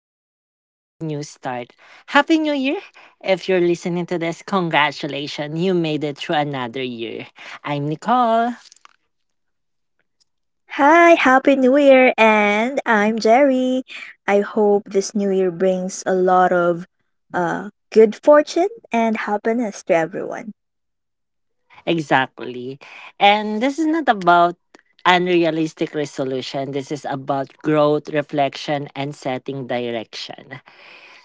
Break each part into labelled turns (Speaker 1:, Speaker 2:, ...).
Speaker 1: episode of A New Start. Happy New Year! If you're listening to this, congratulations, you made it through another year. I'm Nicole.
Speaker 2: Hi, Happy New Year, and I'm Jerry. I hope this new year brings a lot of good fortune and happiness to everyone.
Speaker 1: Exactly. And this is not about unrealistic resolution. This is about growth, reflection, and setting direction.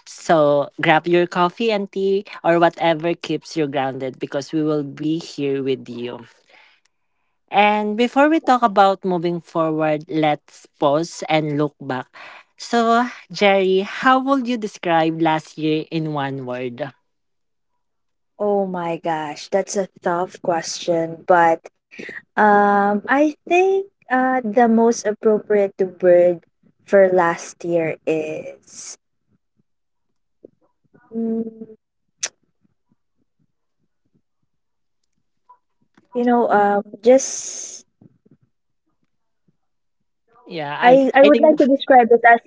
Speaker 1: So grab your coffee and tea or whatever keeps you grounded because we will be here with you. And before we talk about moving forward, let's pause and look back. So, Jerry, how would you describe last year in one word?
Speaker 2: Oh my gosh, that's a tough question, but I think the most appropriate word for last year is, mm, you know, just
Speaker 1: Yeah, I
Speaker 2: I
Speaker 1: I
Speaker 2: would like
Speaker 1: think.
Speaker 2: to describe it as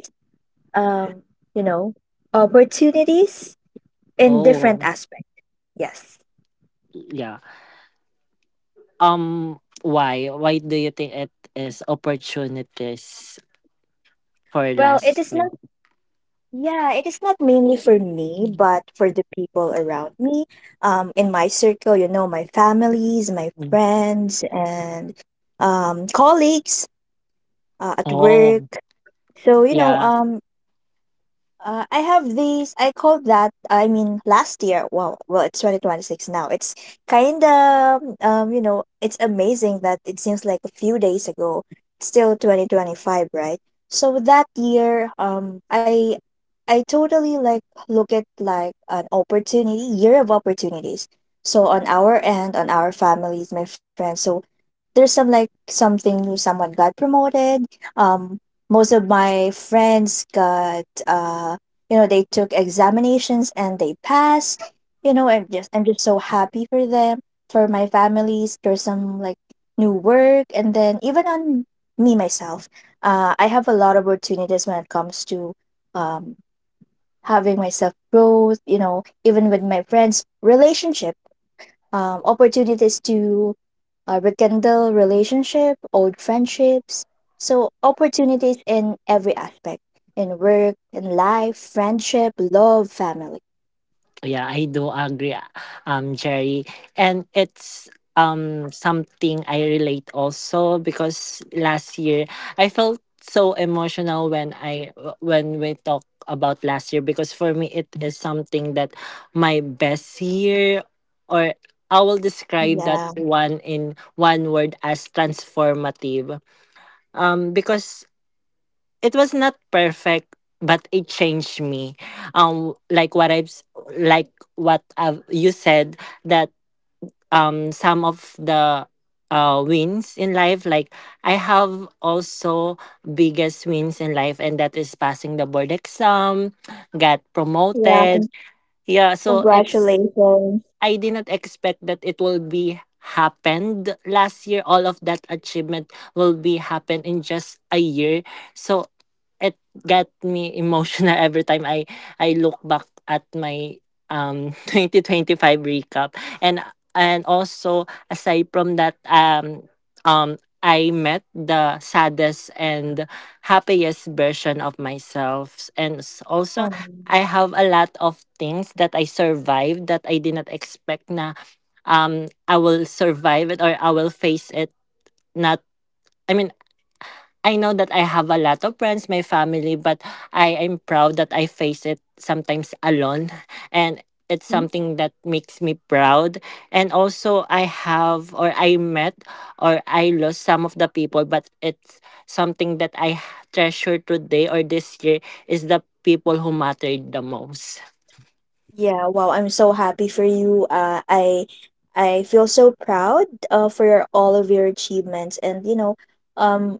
Speaker 2: um, you know, opportunities in different
Speaker 1: Oh,
Speaker 2: aspects, yes.
Speaker 1: yeah. Why? Why do you think it is opportunities for
Speaker 2: Well,
Speaker 1: last year?
Speaker 2: it is not mainly for me but for the people around me, in my circle, you know, my families, my
Speaker 1: Mm.
Speaker 2: friends, and colleagues at
Speaker 1: Oh,
Speaker 2: work. so you know
Speaker 1: yeah.
Speaker 2: um I have these. I called that. I mean, last year. Well, it's 2026 now. It's kind of it's amazing that it seems like a few days ago. It's still 2025, right? So that year, I totally like look at like an opportunity, year of opportunities. So on our end, on our families, my friends. So there's some like something new. Someone got promoted. Um, most of my friends got you know, they took examinations and they passed. You know, I'm just so happy for them. For my families, there's some like new work, and then even on me myself, I have a lot of opportunities when it comes to um, having myself growth, you know, even with my friends relationship, opportunities to rekindle relationship, old friendships. So opportunities in every aspect, in work, in life, friendship, love, family.
Speaker 1: Yeah, I do agree, Jerry. And it's something I relate also because last year I felt so emotional when I when we talk about last year because for me it is something that my best year, or I will describe that
Speaker 2: Yeah,
Speaker 1: one in one word as transformative. Because it was not perfect but it changed me like like what I've, you said that some of the wins in life, like I have also biggest wins in life, and that is passing the board exam, got
Speaker 2: yeah.
Speaker 1: promoted. Yeah, so it's,
Speaker 2: Congratulations.
Speaker 1: I did not expect that it will be happened last year. All of that achievement will be happened in just a year. So it got me emotional every time I look back at my 2025 recap. And also aside from that, um, I met the saddest and happiest version of myself, and also
Speaker 2: Um,
Speaker 1: I have a lot of things that I survived that I did not expect na, I will survive it or I will face it. Not, I mean, I know that I have a lot of friends, my family, but I am proud that I face it sometimes alone, and it's
Speaker 2: mm,
Speaker 1: something that makes me proud. And also I have, or I met, or I lost some of the people, but it's something that I treasure today, or this year is the people who mattered the most.
Speaker 2: yeah. Wow, I'm so happy for you. I feel so proud for your, all of your achievements, and you know, um,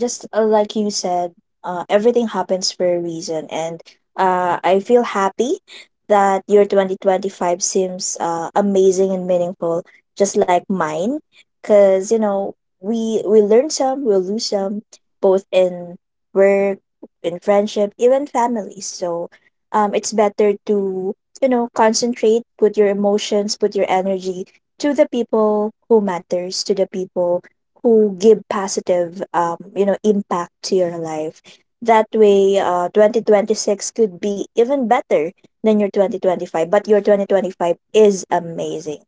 Speaker 2: just like you said, everything happens for a reason, and I feel happy that your 2025 seems amazing and meaningful, just like mine, because you know we learn some, we'll lose some, both in work, in friendship, even families. So, it's better to you know concentrate, put your emotions, put your energy to the people who matters, to the people who give positive you know impact to your life, that way 2026 could be even better than your 2025. But your 2025 is amazing.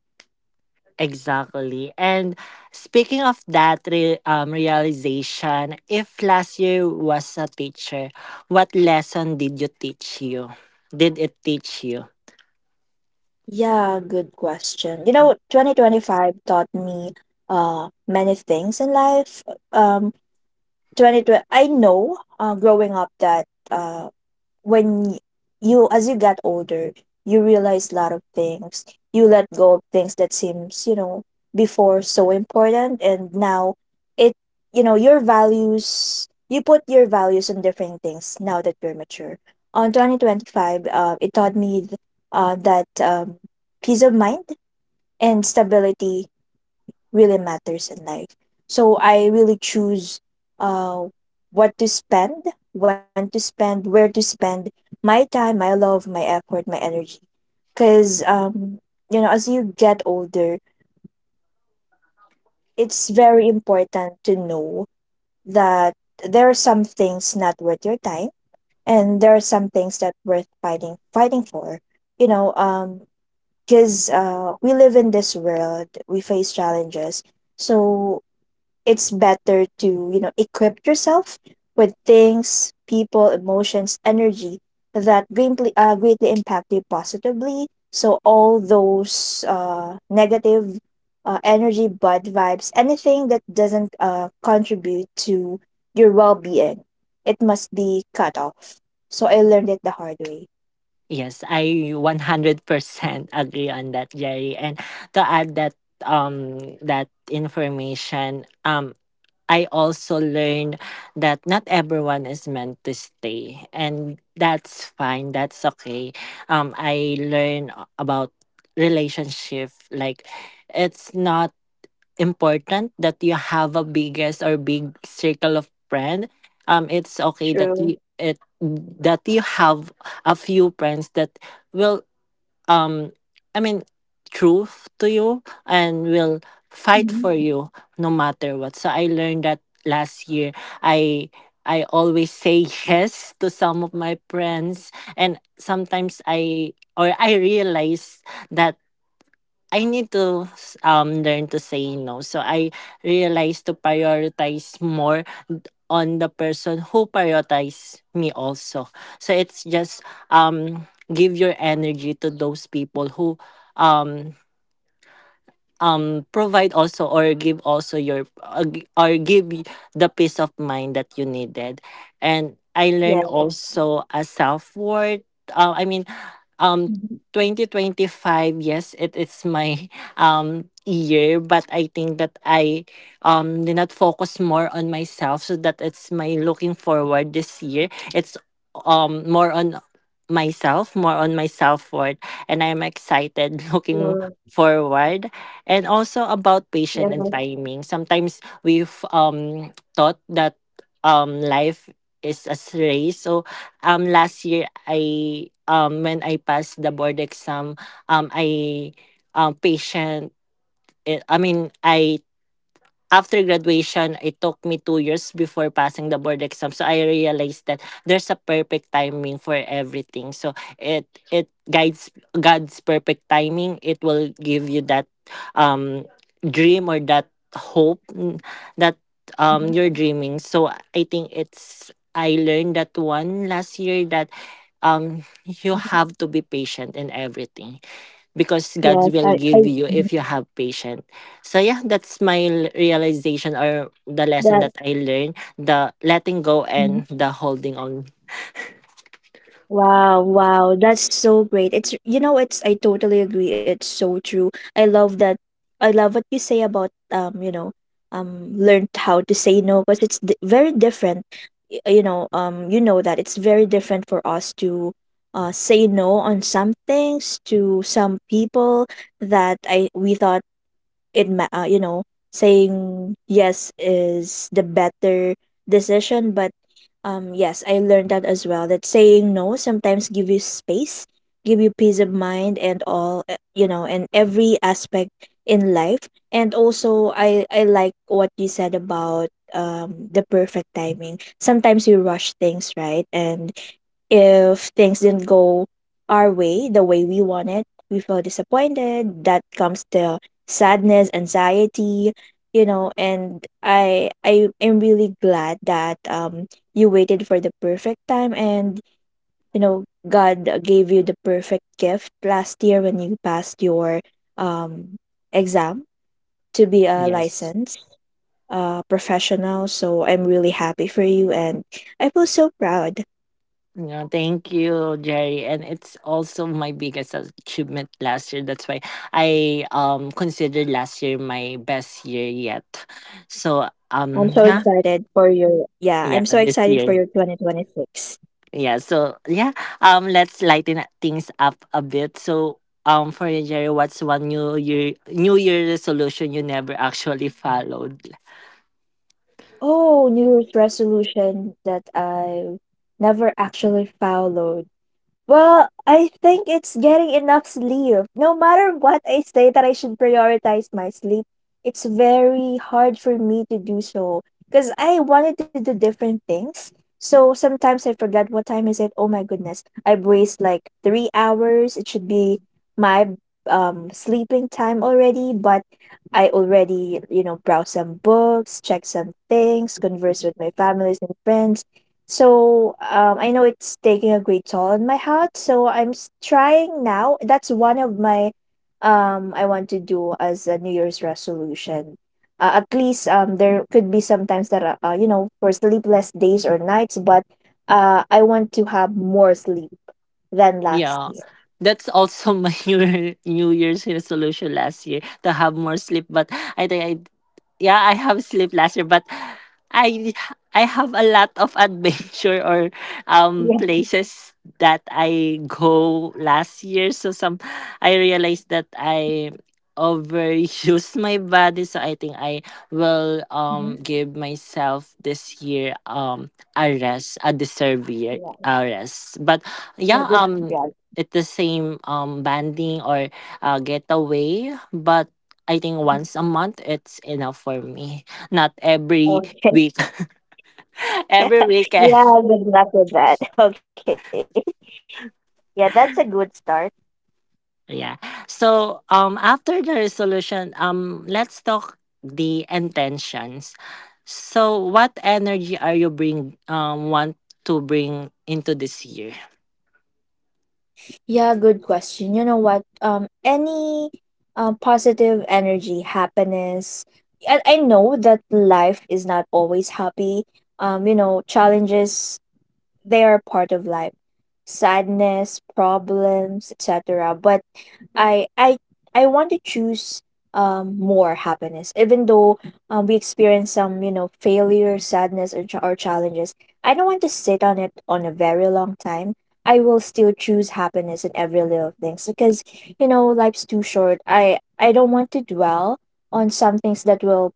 Speaker 1: Exactly. And speaking of that realization, if last year was a teacher, what lesson did you teach you? Did it teach you?
Speaker 2: Yeah, good question. You know, 2025 taught me many things in life. um 2020, I know, growing up, that when you, as you get older, you realize a lot of things, you let go of things that seems, you know, before so important, and now it, you know, your values, you put your values on different things now that you're mature. On 2025, it taught me that peace of mind and stability really matters in life. So I really choose uh what to spend, when to spend, where to spend my time, my love, my effort, my energy. Cause you know, as you get older, it's very important to know that there are some things not worth your time, and there are some things that worth fighting for. You know, because we live in this world, we face challenges. So it's better to you know equip yourself with things, people, emotions, energy that greatly greatly impact you positively. So all those negative energy, bad vibes, anything that doesn't contribute to your well-being, it must be cut off. So I learned it the hard way.
Speaker 1: Yes, I 100% agree on that, Jerry. And to add that that information, I also learned that not everyone is meant to stay, and that's fine. That's okay. I learned about relationship. Like, it's not important that you have a biggest or big circle of friend. It's okay that
Speaker 2: True.
Speaker 1: you it that you have a few friends that will um I mean truth to you and will
Speaker 2: Yes.
Speaker 1: fight
Speaker 2: Hmm.
Speaker 1: for you no matter what. So I learned that last year. I I always say yes to some of my friends, and sometimes I, or I realize that I need to learn to say no. So I realized to prioritize more on the person who prioritize me also. So it's just give your energy to those people who um provide also, or give also your or the peace of mind that you needed. And I learned
Speaker 2: Yes.
Speaker 1: also a self-worth. I mean, um
Speaker 2: Mhm.
Speaker 1: 2025, yes, it is my year, but I think that I did not focus more on myself, so that it's my looking forward this year. It's more on myself, more on my self-worth, and I'm excited looking
Speaker 2: True.
Speaker 1: forward. And also about
Speaker 2: Yeah.
Speaker 1: patience and timing. Sometimes we've thought that life is a race. So last year I, when I passed the board exam, um I um patient I mean I, after graduation, it took me 2 years before passing the board exam. So I realized that there's a perfect timing for everything. So it guides God's perfect timing. It will give you that um dream or that hope, that you're dreaming. So I think it's, I learned that one last year, that you have to be patient in everything because God
Speaker 2: Yes,
Speaker 1: will
Speaker 2: I
Speaker 1: give you if you have patience. So yeah, that's my realization or the lesson
Speaker 2: that
Speaker 1: that I learned: the letting go and the holding on.
Speaker 2: wow, wow, that's so great. It's, you know, it's, I totally agree. It's so true. I love that. I love what you say about learned how to say no, because it's very different. You know, that it's very different for us to say no on some things to some people that I we thought you know, saying yes is the better decision, but yes, I learned that as well, that saying no sometimes give you space, give you peace of mind and all, you know, and every aspect in life. And also, I like what you said about the perfect timing. Sometimes we rush things, right, and if things didn't go our way, the way we wanted, we feel disappointed. That comes the sadness, anxiety, you know. And I am really glad that you waited for the perfect time, and you know God gave you the perfect gift last year when you passed your um exam to be a
Speaker 1: Yes.
Speaker 2: licensed professional. So I'm really happy for you, and I feel so proud.
Speaker 1: Yeah, thank you, Jerry. And it's also my biggest achievement last year. That's why I considered last year my best year yet. So yeah, yeah,
Speaker 2: I'm so
Speaker 1: this
Speaker 2: excited
Speaker 1: year.
Speaker 2: for your 2026.
Speaker 1: Yeah, so yeah, let's lighten things up a bit. So, for you, Jerry, what's one New Year resolution you never actually followed?
Speaker 2: Oh, New Year's resolution that I never actually followed. Well, I think it's getting enough sleep. No matter what I say that I should prioritize my sleep, it's very hard for me to do so because I wanted to do different things. So sometimes I forget what time is it. Oh my goodness. I've wasted like 3 hours. It should be my sleeping time already, but I already, you know, browse some books, check some things, converse with my families and friends. So I know it's taking a great toll on my health. So I'm trying now. That's one of my I want to do as a New Year's resolution. At least there could be sometimes that you know, for sleepless days or nights, but I want to have more sleep than last
Speaker 1: Yeah.
Speaker 2: year.
Speaker 1: That's also my New Year's resolution last year, to have more sleep. But I think I, yeah, I have sleep last year, but I I have a lot of adventure or
Speaker 2: Yeah.
Speaker 1: places that I go last year. So some, I realized that I overused my body. So I think I will
Speaker 2: Mhm.
Speaker 1: give myself this year a rest, a deserved year
Speaker 2: Yeah.
Speaker 1: a rest. But yeah,
Speaker 2: Yeah. Good. Yeah.
Speaker 1: at the same banding or getaway, but I think
Speaker 2: Mhm.
Speaker 1: once a month it's enough for me, not every
Speaker 2: Okay.
Speaker 1: week every weekend.
Speaker 2: Yeah. Good luck with that. Okay. Yeah, that's a good start.
Speaker 1: Yeah, so after the resolution, let's talk the intentions. So what energy are you bring, want to bring into this year?
Speaker 2: Yeah, good question. You know what? Any positive energy, happiness, and I know that life is not always happy. You know, challenges, they are part of life, sadness, problems, etc. But I I I want to choose more happiness, even though we experience some, you know, failure, sadness, or challenges. I don't want to sit on it on a very long time. I will still choose happiness in every little things, because you know life's too short. I don't want to dwell on some things that will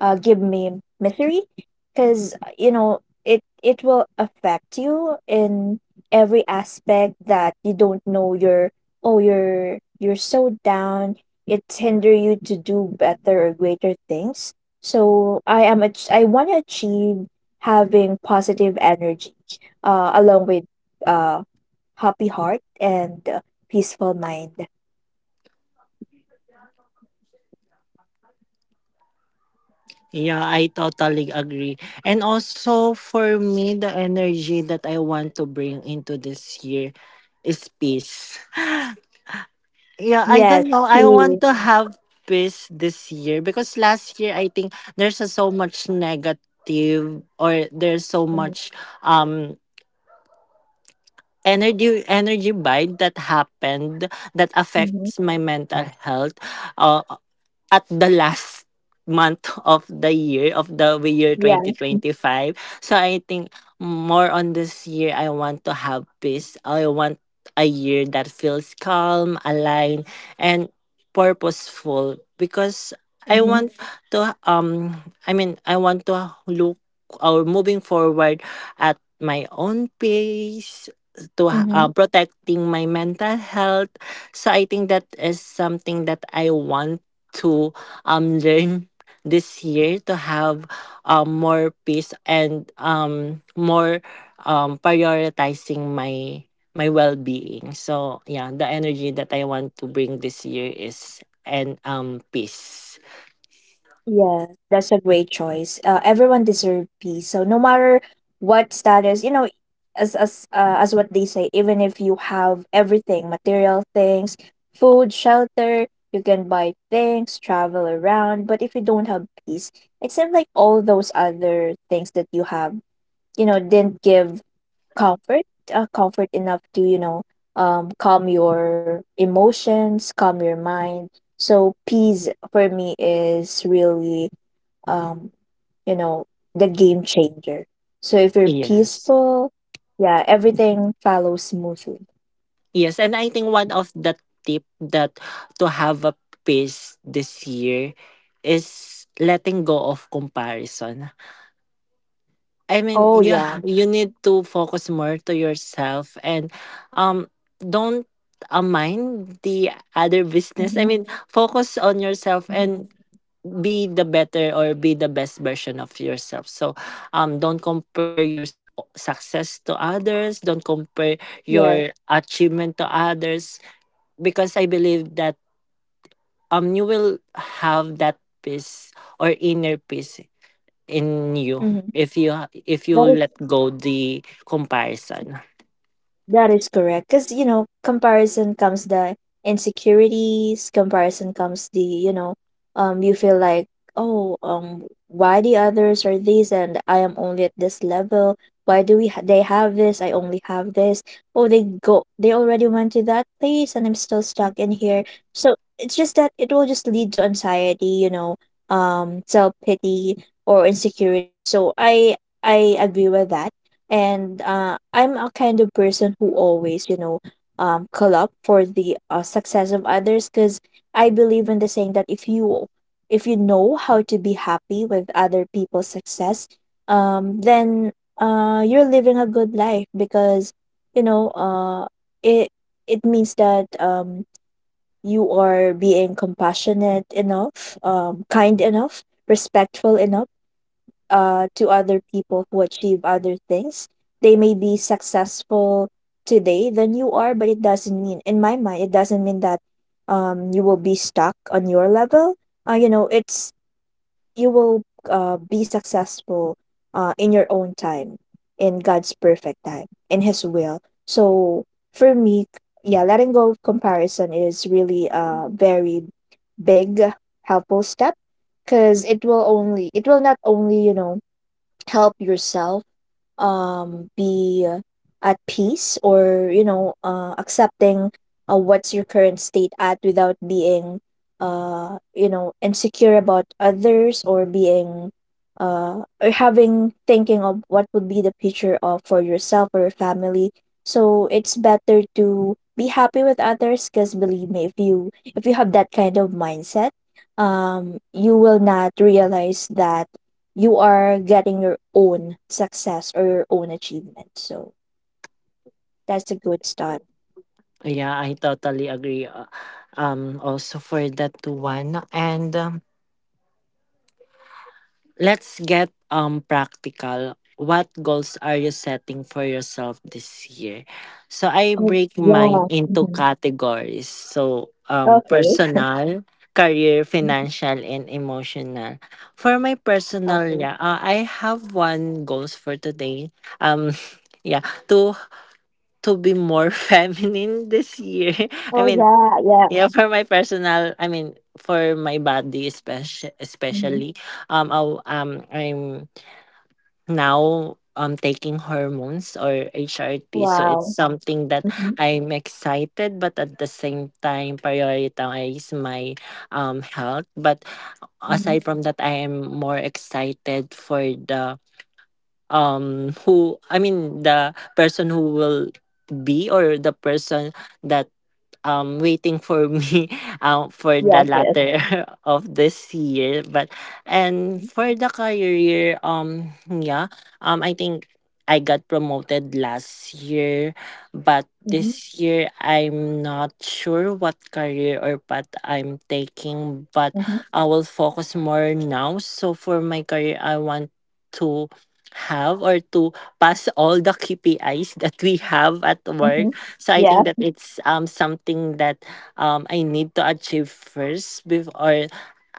Speaker 2: give me misery, because you know it it will affect you in every aspect that you don't know you're so down, it hinder you to do better or greater things. So I want to achieve having positive energy along with uh, happy heart, and peaceful mind.
Speaker 1: Yeah, I totally agree. And also for me, the energy that I want to bring into this year is peace. Yeah, I
Speaker 2: Yes,
Speaker 1: don't know. I
Speaker 2: he
Speaker 1: want to
Speaker 2: is.
Speaker 1: have peace this year because last year I think there's a, so much negative, or there's so much um energy, bite that happened that
Speaker 2: Mm-hmm.
Speaker 1: affects my mental health. Uh, at the last month of the year
Speaker 2: Yeah.
Speaker 1: 2025, so I think more on this year I want to have peace. I want a year that feels calm, aligned, and purposeful because I
Speaker 2: Mm-hmm.
Speaker 1: want to I want to look, or moving forward at my own pace, to
Speaker 2: Mm-hmm.
Speaker 1: protecting my mental health. So I think that is something that I want to learn this year, to have more peace and more prioritizing my my well-being. So yeah, the energy that I want to bring this year is, and peace.
Speaker 2: Yeah, that's a great choice. Everyone deserves peace. So no matter what status, you know, as what they say, even if you have everything, material things, food, shelter, you can buy things, travel around, but if you don't have peace, it seems like all those other things that you have, you know, didn't give comfort, comfort enough to, you know, calm your emotions, calm your mind. So peace for me is really um you know the game changer. So if you're
Speaker 1: Yes.
Speaker 2: peaceful, yeah, everything follows smoothly.
Speaker 1: Yes, and I think one of the tip that to have a peace this year is letting go of comparison. I mean,
Speaker 2: Oh yeah.
Speaker 1: you need to focus more to yourself and um don't mind the other business.
Speaker 2: Hmm.
Speaker 1: I mean, focus on yourself
Speaker 2: Hmm.
Speaker 1: and be the better or be the best version of yourself. So, don't compare your success to others, don't compare
Speaker 2: Yes.
Speaker 1: your achievement to others because I believe that you will have that peace or inner peace in you
Speaker 2: Hmm.
Speaker 1: if you
Speaker 2: That is
Speaker 1: let go the comparison.
Speaker 2: That is correct. Because, you know, comparison comes the insecurities, comparison comes the, you know, you feel like, oh, why the others are these and I am only at this level? Why do they have this? I only have this. Oh, they go, they already went to that place and I'm still stuck in here. So it's just that it will just lead to anxiety, you know, self pity or insecurity. So I agree with that, and I'm a kind of person who always, you know, call up for the success of others, because I believe in the saying that if you know how to be happy with other people's success, then you're living a good life, because you know it it means that you are being compassionate enough, kind enough, respectful enough to other people who achieve other things. They may be successful today than you are, but it doesn't mean, in my mind, it doesn't mean that you will be stuck on your level. You know, it's you will be successful in your own time, in God's perfect time, in His will. So for me, yeah, letting go of comparison is really a very big helpful step because it will not only help yourself be at peace or accepting what's your current state at without being insecure about others or being or having thinking of what would be the future of for yourself or your family. So it's better to be happy with others because believe me, if you have that kind of mindset, you will not realize that you are getting your own success or your own achievement. So that's a good start.
Speaker 1: Yeah, I totally agree, also for that one. And let's get practical. What goals are you setting for yourself this year? So I
Speaker 2: Oh
Speaker 1: break mine
Speaker 2: yeah.
Speaker 1: into
Speaker 2: Hmm.
Speaker 1: categories. So
Speaker 2: Okay.
Speaker 1: personal, career,
Speaker 2: Hmm.
Speaker 1: financial, and emotional. For my personal,
Speaker 2: Okay.
Speaker 1: yeah, I have one goals for today. Um yeah, to be more feminine this year. I
Speaker 2: Oh
Speaker 1: mean,
Speaker 2: yeah.
Speaker 1: yeah,
Speaker 2: Yeah.
Speaker 1: for my personal, I mean, for my body especially,
Speaker 2: Hmm.
Speaker 1: um, I, I'm now taking hormones or HRT, so it's
Speaker 2: Wow.
Speaker 1: something that
Speaker 2: Hmm.
Speaker 1: I'm excited, but at the same time prioritize my health. But
Speaker 2: Hmm.
Speaker 1: aside from that, I am more excited for the who I mean the person who will be, or the person that waiting for me for the
Speaker 2: Yes. Yes.
Speaker 1: latter of this year, but and
Speaker 2: Mm-hmm.
Speaker 1: for the career yeah, I think I got promoted last year, but this year I'm not sure what career or path I'm taking, but
Speaker 2: Mm-hmm.
Speaker 1: I will focus more now. So for my career, I want to have, or to pass all the KPIs that we have at work.
Speaker 2: Mm-hmm.
Speaker 1: So I think
Speaker 2: Yeah.
Speaker 1: that it's something that I need to achieve first before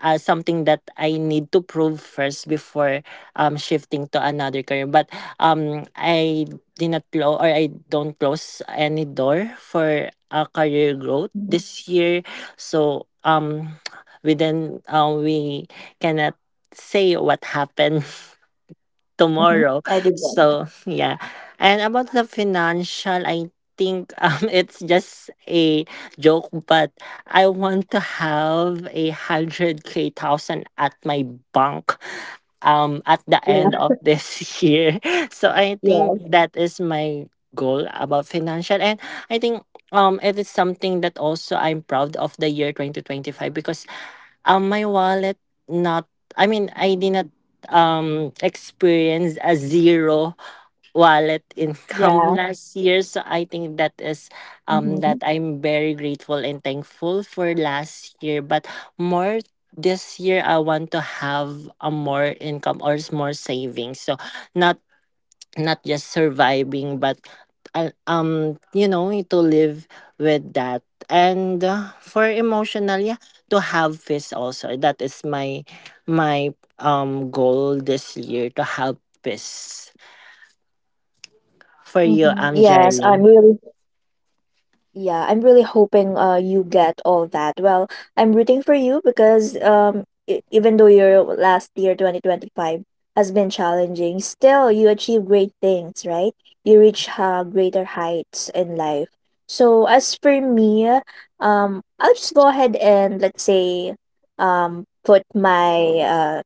Speaker 1: something that I need to prove first before shifting to another career. But I did not close, or I don't close any door for career growth
Speaker 2: Mm-hmm.
Speaker 1: this year. So within we cannot say what happened
Speaker 2: Mm-hmm.
Speaker 1: tomorrow.
Speaker 2: I do get
Speaker 1: So
Speaker 2: it.
Speaker 1: yeah. And about the financial, I think it's just a joke, but I want to have 100K thousand at my bank at the end
Speaker 2: Yeah.
Speaker 1: of this year. So I think
Speaker 2: Yes.
Speaker 1: that is my goal about financial. And I think it is something that also I'm proud of, the year 2025, because my wallet, not I mean I did not experienced a zero wallet income
Speaker 2: Yeah.
Speaker 1: last year. So I think that is that
Speaker 2: Mm-hmm.
Speaker 1: I'm very grateful and thankful for last year. But more this year I want to have a more income, or more savings. So not, not just surviving, but to live with that. And for emotional, yeah, to have peace also. That is my my goal this year, to have peace for
Speaker 2: Mm-hmm.
Speaker 1: you.
Speaker 2: Yes.
Speaker 1: I'm
Speaker 2: I'm
Speaker 1: Jerry.
Speaker 2: really Yeah, I'm really hoping you get all that. Well, I'm rooting for you because even though your last year 2025 has been challenging, still you achieve great things, right? You reach greater heights in life. So as for me, I'll just go ahead and let's say put my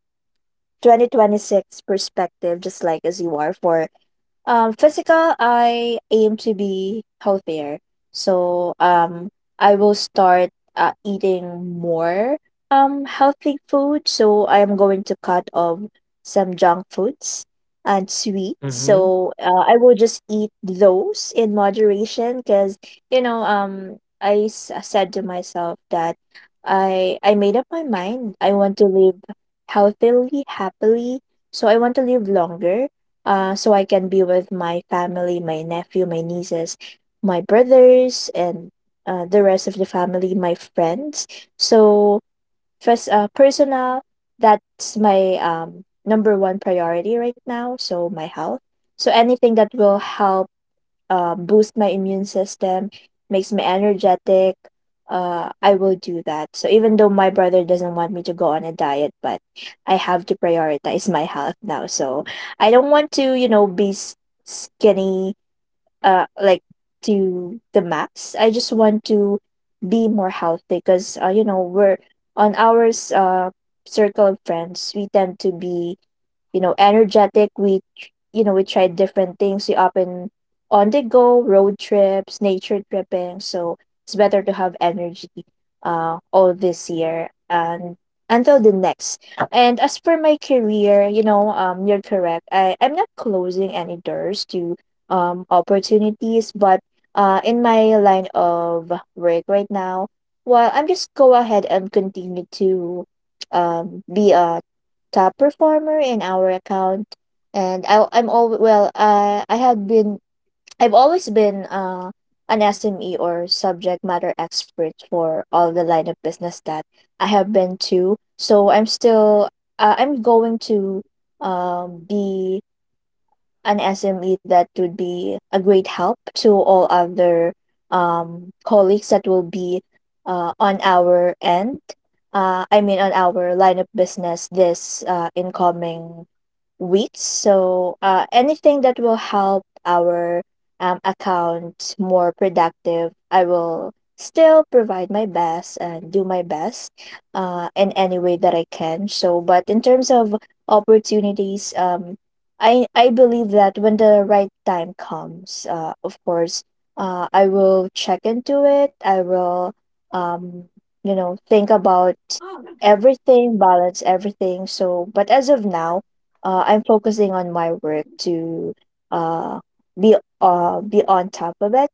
Speaker 2: 2026 perspective just like as you are. For physical, I aim to be healthier. So, I will start eating more healthy food. So I am going to cut off some junk foods and sweets.
Speaker 1: Mm-hmm.
Speaker 2: So I will just eat those in moderation because you know said to myself that I made up my mind. I want to live healthily, happily. So I want to live longer, so I can be with my family, my nephew, my nieces, my brothers, and the rest of the family, my friends. So first, personal, that's my number one priority right now. So my health. So anything that will help boost my immune system, makes me energetic, I will do that. So even though my brother doesn't want me to go on a diet, but I have to prioritize my health now. So I don't want to, you know, skinny, uh, like to the max. I just want to be more healthy because, you know, we're on ours, circle of friends, we tend to be you know, energetic. You know, we tried different things. We often on the go, road trips, nature tripping. So it's better to have energy all this year and until the next. And as for my career, you know, you're correct. I'm not closing any doors to opportunities, but in my line of work right now, well, I'm just go ahead and continue to be a top performer in our account and I, I'm all well I had been I've always been an SME or subject matter expert for all the line of business that I have been to. So I'm still I'm going to be an SME that would be a great help to all other colleagues that will be on our end. I mean, on our line of business this incoming weeks. So anything that will help our account more productive, I will still provide my best and do my best in any way that I can. So, but in terms of opportunities, I believe that when the right time comes, of course, I will check into it. I will um, you know think about everything, balance everything. So but as of now, I'm focusing on my work to uh, be on top of it.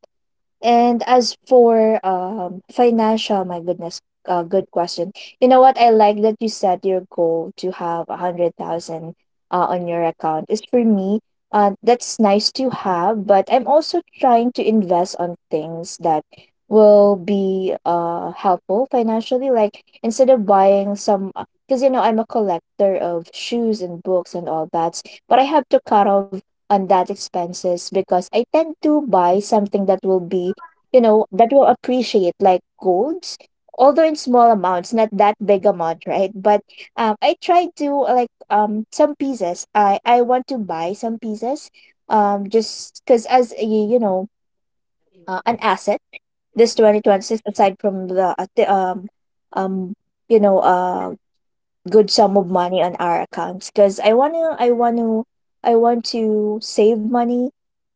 Speaker 2: And as for financial, my goodness, good question. You know what? I like that you set your goal to have a hundred thousand on your account. Is for me, that's nice to have, but I'm also trying to invest on things that will be helpful financially. Like instead of buying some, because you know I'm a collector of shoes and books and all that, but I have to cut off on that expenses because I tend to buy something that will be you know, that will appreciate like golds, although in small amounts, not that big amount, right? But I tried to like some pieces. I want to buy some pieces, just because as a, you know an asset this 2026, aside from the um you know good sum of money on our accounts. Because I want to save money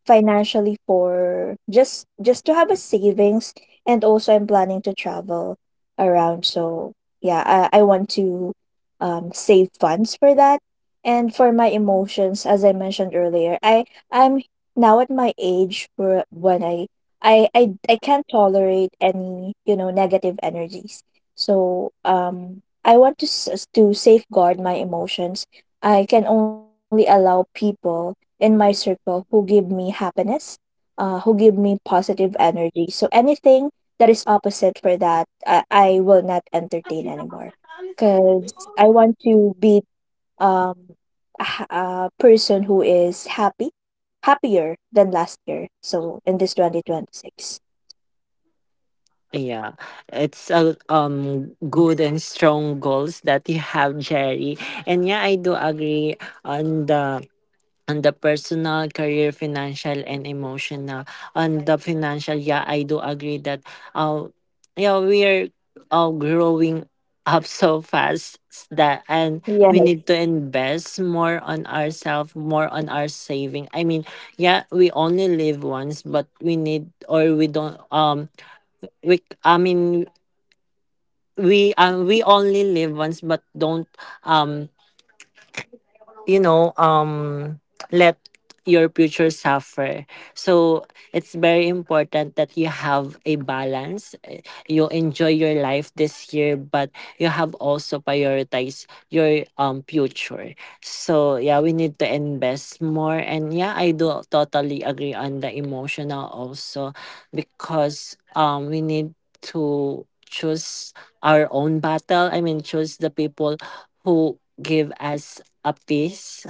Speaker 2: financially, for just to have a savings. And also I'm planning to travel around, so yeah, I want to save funds for that. And for my emotions, as I mentioned earlier, I'm now at my age where when I can't tolerate any you know negative energies. So I want to, to safeguard my emotions. I can only allow people in my circle who give me happiness, who give me positive energy. So anything that is opposite for that, I will not entertain anymore because I want to be um a person who is happy happier than last year. So in this 2026.
Speaker 1: Yeah, it's a good and strong goals that you have, Jerry. And yeah, I do agree on the personal, career, financial, and emotional. On the financial, yeah, I do agree that uh, yeah, we are all growing up so fast, that and we
Speaker 2: Yes.
Speaker 1: need to invest more on ourselves, more on our saving. I mean, yeah, we only live once, but we need, or we don't we I mean we only live once, but don't um you know um let your future suffer. So it's very important that you have a balance. Eh, you enjoy your life this year, but you have also prioritize your future. So yeah, we need to invest more. And yeah, I do totally agree on the emotional also, because we need to choose our own battle. I mean, choose the people who give us a piece.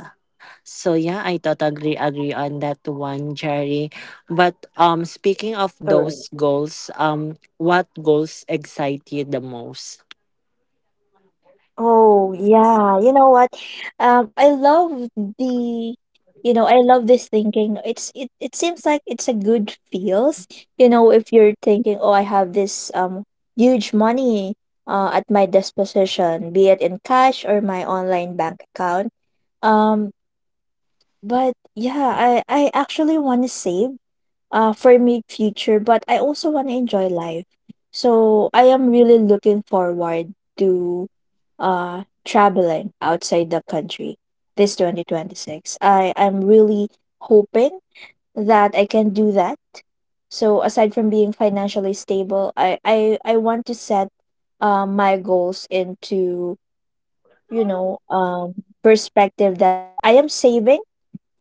Speaker 1: So yeah, I totally agree on that one, Jerry. But speaking of
Speaker 2: All.
Speaker 1: those goals, what goals excite you the most?
Speaker 2: Oh, yeah. You know what? I love the, you know, I love this thinking. It's it seems like it's a good feels. You know, if you're thinking, oh, I have this huge money at my disposition, be it in cash or my online bank account. Um, but yeah, I actually want to save for my future, but I also want to enjoy life. So I am really looking forward to traveling outside the country this 2026. I'm really hoping that I can do that. So aside from being financially stable, I want to set my goals into, you know, perspective that I am saving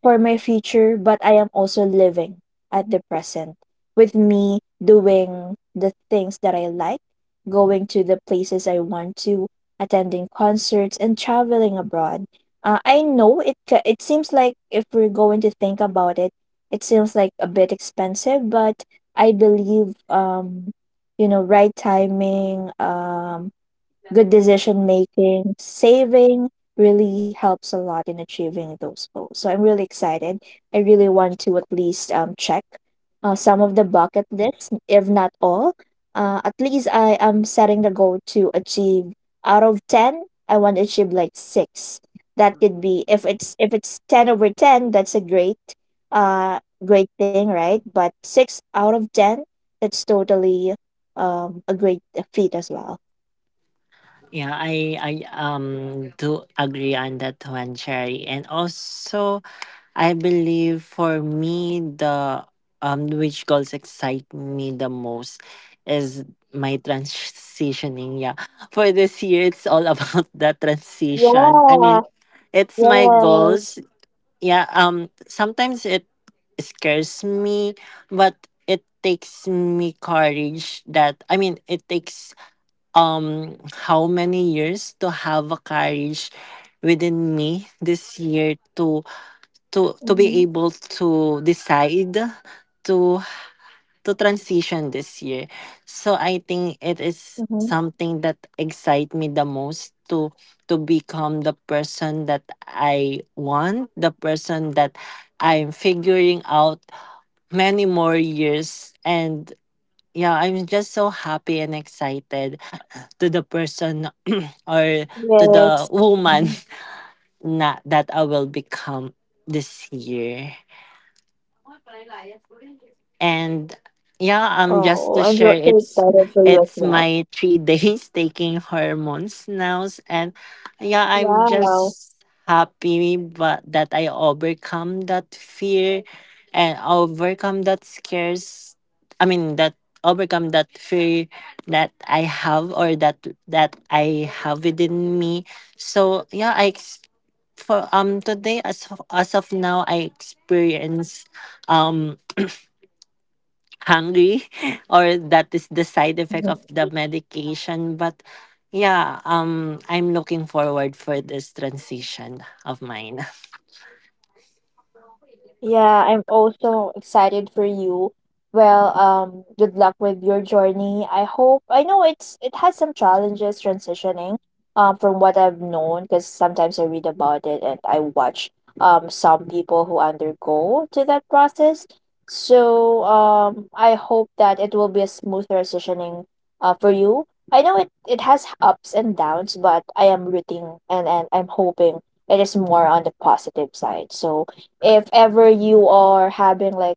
Speaker 2: for my future, but I am also living at the present with me doing the things that I like, going to the places I want to, attending concerts, and traveling abroad. I know it seems like if we're going to think about it, it seems like a bit expensive, but I believe, you know, right timing, good decision making, saving really helps a lot in achieving those goals. So I'm really excited. I really want to at least check some of the bucket lists, if not all. At least I am setting the goal to achieve out of ten. I want to achieve like six. That could be if it's ten over ten, that's a great uh great thing, right? But six out of ten, that's totally a great feat as well.
Speaker 1: Yeah, I do agree on that one, Jerry. And also I believe for me the which goals excite me the most is my transitioning. Yeah. For this year it's all about the transition. I
Speaker 2: Yeah.
Speaker 1: mean, it's my
Speaker 2: Yes.
Speaker 1: goals. Yeah. Sometimes it scares me, but it takes me courage. That I mean, it takes um how many years to have a courage within me this year to to
Speaker 2: Mm-hmm.
Speaker 1: be able to decide to transition this year. So I think it is
Speaker 2: Mm-hmm.
Speaker 1: something that excites me the most, to become the person that I want, the person that I'm figuring out many more years. And yeah, I'm just so happy and excited to the person, or to the
Speaker 2: Yes.
Speaker 1: woman
Speaker 2: Hmm.
Speaker 1: na, that I will become this year. And yeah,
Speaker 2: Oh, I'm
Speaker 1: just
Speaker 2: so,
Speaker 1: to
Speaker 2: so
Speaker 1: share,
Speaker 2: excited for you as well.
Speaker 1: it's my three days taking hormones now, and yeah, I'm
Speaker 2: Wow.
Speaker 1: just happy. But that I overcome that fear and overcome that scares, I mean, that overcome that fear that I have, or that that I have within me. So yeah, for today, as of now, I experience um hungry or that is the side effect of the medication. But yeah, I'm looking forward for this transition of mine.
Speaker 2: Yeah, I'm also excited for you. Well, good luck with your journey. I hope I know it has some challenges transitioning, from what I've known, because sometimes I read about it and I watch some people who undergo to that process. So I hope that it will be a smooth transitioning, for you. I know it has ups and downs, but I am rooting and I'm hoping it is more on the positive side. So if ever you are having like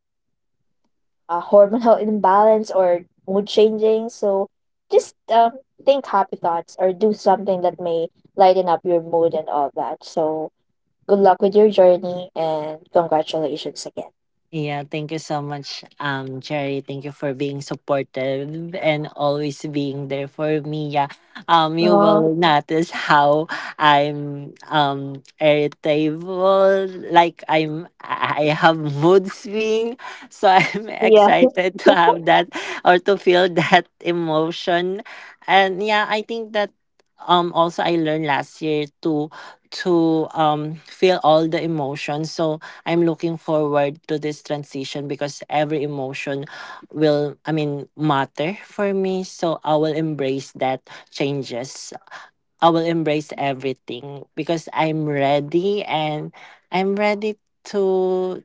Speaker 2: a hormonal imbalance or mood changing, so just think happy thoughts or do something that may lighten up your mood and all that. So good luck with your journey and congratulations again.
Speaker 1: Yeah, thank you so much, Jerry. Thank you for being supportive and always being there for me. Yeah, you will
Speaker 2: Oh,
Speaker 1: notice how I'm irritable, like I'm I have mood swing, so I'm
Speaker 2: yeah.
Speaker 1: excited to have that, or to feel that emotion. And yeah, I think that also I learned last year to feel all the emotions. So I'm looking forward to this transition because every emotion will, I mean, matter for me. So I will embrace that changes. I will embrace everything because I'm ready. And I'm ready to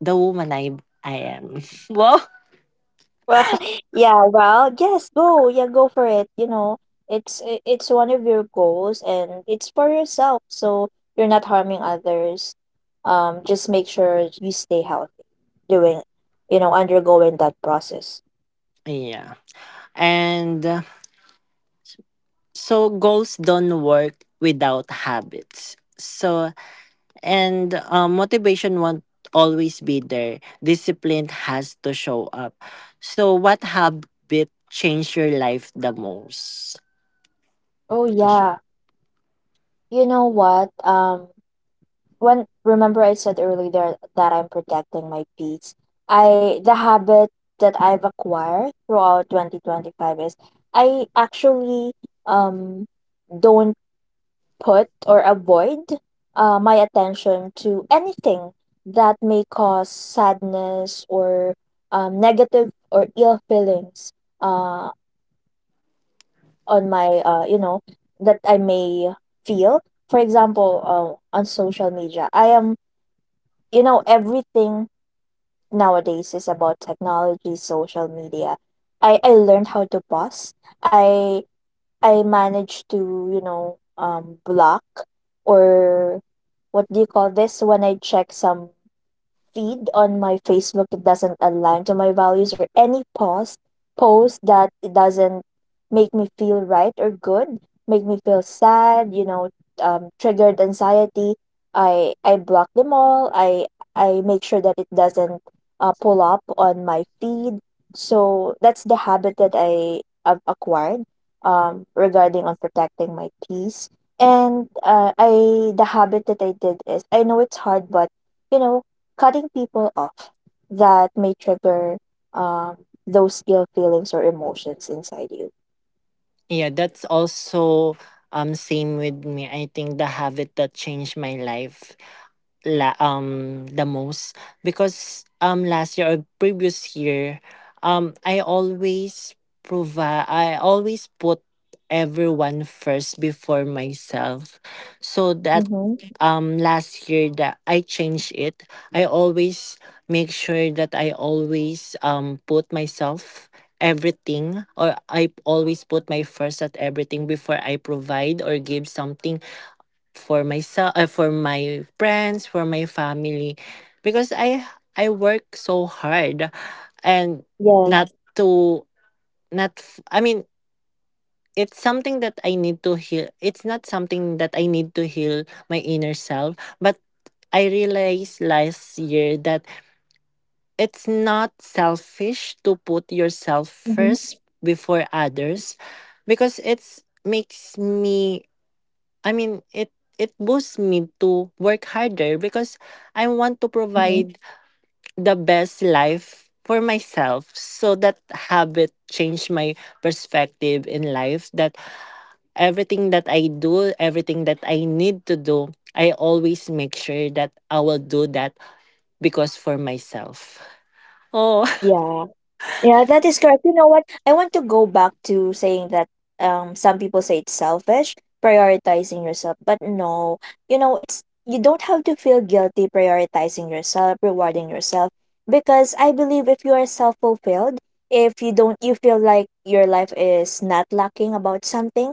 Speaker 1: the woman I am. Well,
Speaker 2: Well, yeah, well, yes, go. Yeah, go for it. You know, it's one of your goals and it's for yourself, so you're not harming others. Just make sure you stay healthy doing, you know, undergoing that process.
Speaker 1: yeah. And so goals don't work without habits. So and motivation won't always be there. Discipline has to show up. So, what habit changed your life the most?
Speaker 2: Oh
Speaker 1: J-
Speaker 2: yeah. You know what? When remember I said earlier that I'm protecting my peace. I the habit that I've acquired throughout 2025 is I actually um don't put or avoid my attention to anything that may cause sadness or negative or ill feelings uh, on my you know that I may feel. For example, on social media I am you know everything nowadays is about technology, social media. I learned how to pause. i I managed to, you know, block or what do you call this when I check some feed on my Facebook that doesn't align to my values or any post that it doesn't make me feel right or good, make me feel sad, you know, triggered anxiety. I block them all. I make sure that it doesn't pull up on my feed. So that's the habit that I have acquired regarding on protecting my peace. And I the habit that I did is I know it's hard, but you know cutting people off that may trigger um, those ill feelings or emotions inside you.
Speaker 1: Yeah, that's also same with me. I think the habit that changed my life the most, because last year, or previous year, I always provide, I always put everyone first before myself. So that
Speaker 2: Mm-hmm.
Speaker 1: last year, that I changed it. I always make sure that I always put myself everything, or I always put my first at everything before I provide or give something for myself, for my friends, for my family. Because I work so hard, and
Speaker 2: Yes.
Speaker 1: not to not f- I mean it's something that I need to heal. It's not something that I need to heal my inner self, but I realized last year that it's not selfish to put yourself
Speaker 2: Mm-hmm.
Speaker 1: first before others, because it's makes me, I mean, it boosts me to work harder, because I want to
Speaker 2: Mm-hmm.
Speaker 1: provide the best life for myself. So that habit changed my perspective in life, that everything that I do, everything that I need to do, I always make sure that I will do that, because for myself. Oh
Speaker 2: Yeah. Yeah, that is correct. You know what? I want to go back to saying that some people say it's selfish prioritizing yourself, but no. You know, it's you don't have to feel guilty prioritizing yourself, rewarding yourself because I believe if you are self-fulfilled, if you don't you feel like your life is not lacking about something,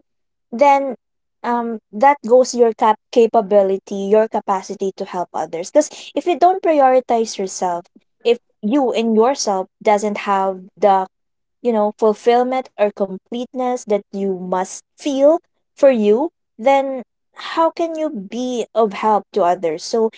Speaker 2: then that goes your capability, your capacity to help others. Because if you don't prioritize yourself, if you in yourself doesn't have the fulfillment or completeness that you must feel for you, then how can you be of help to others? So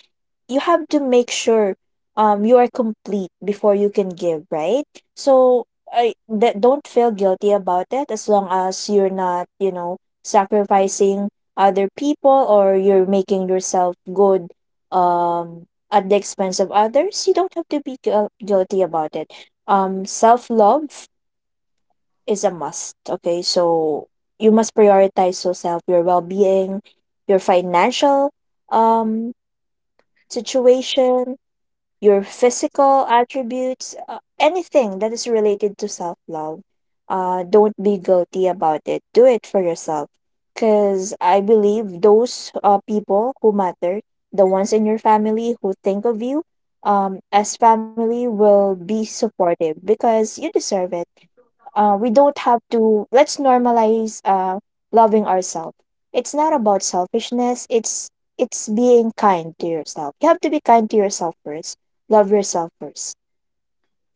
Speaker 2: you have to make sure you are complete before you can give, right? So I that don't feel guilty about it as long as you're not, sacrificing other people or you're making yourself good at the expense of others. You don't have to be guilty about it. Self love is a must, okay? So you must prioritize yourself, your well-being, your financial um situation, your physical attributes, anything that is related to self love. Don't be guilty about it. Do it for yourself. Because I believe those people who matter, the ones in your family who think of you, as family, will be supportive because you deserve it. We don't have to Let's normalize loving ourselves. It's not about selfishness. It's being kind to yourself. You have to be kind to yourself first, love yourself first.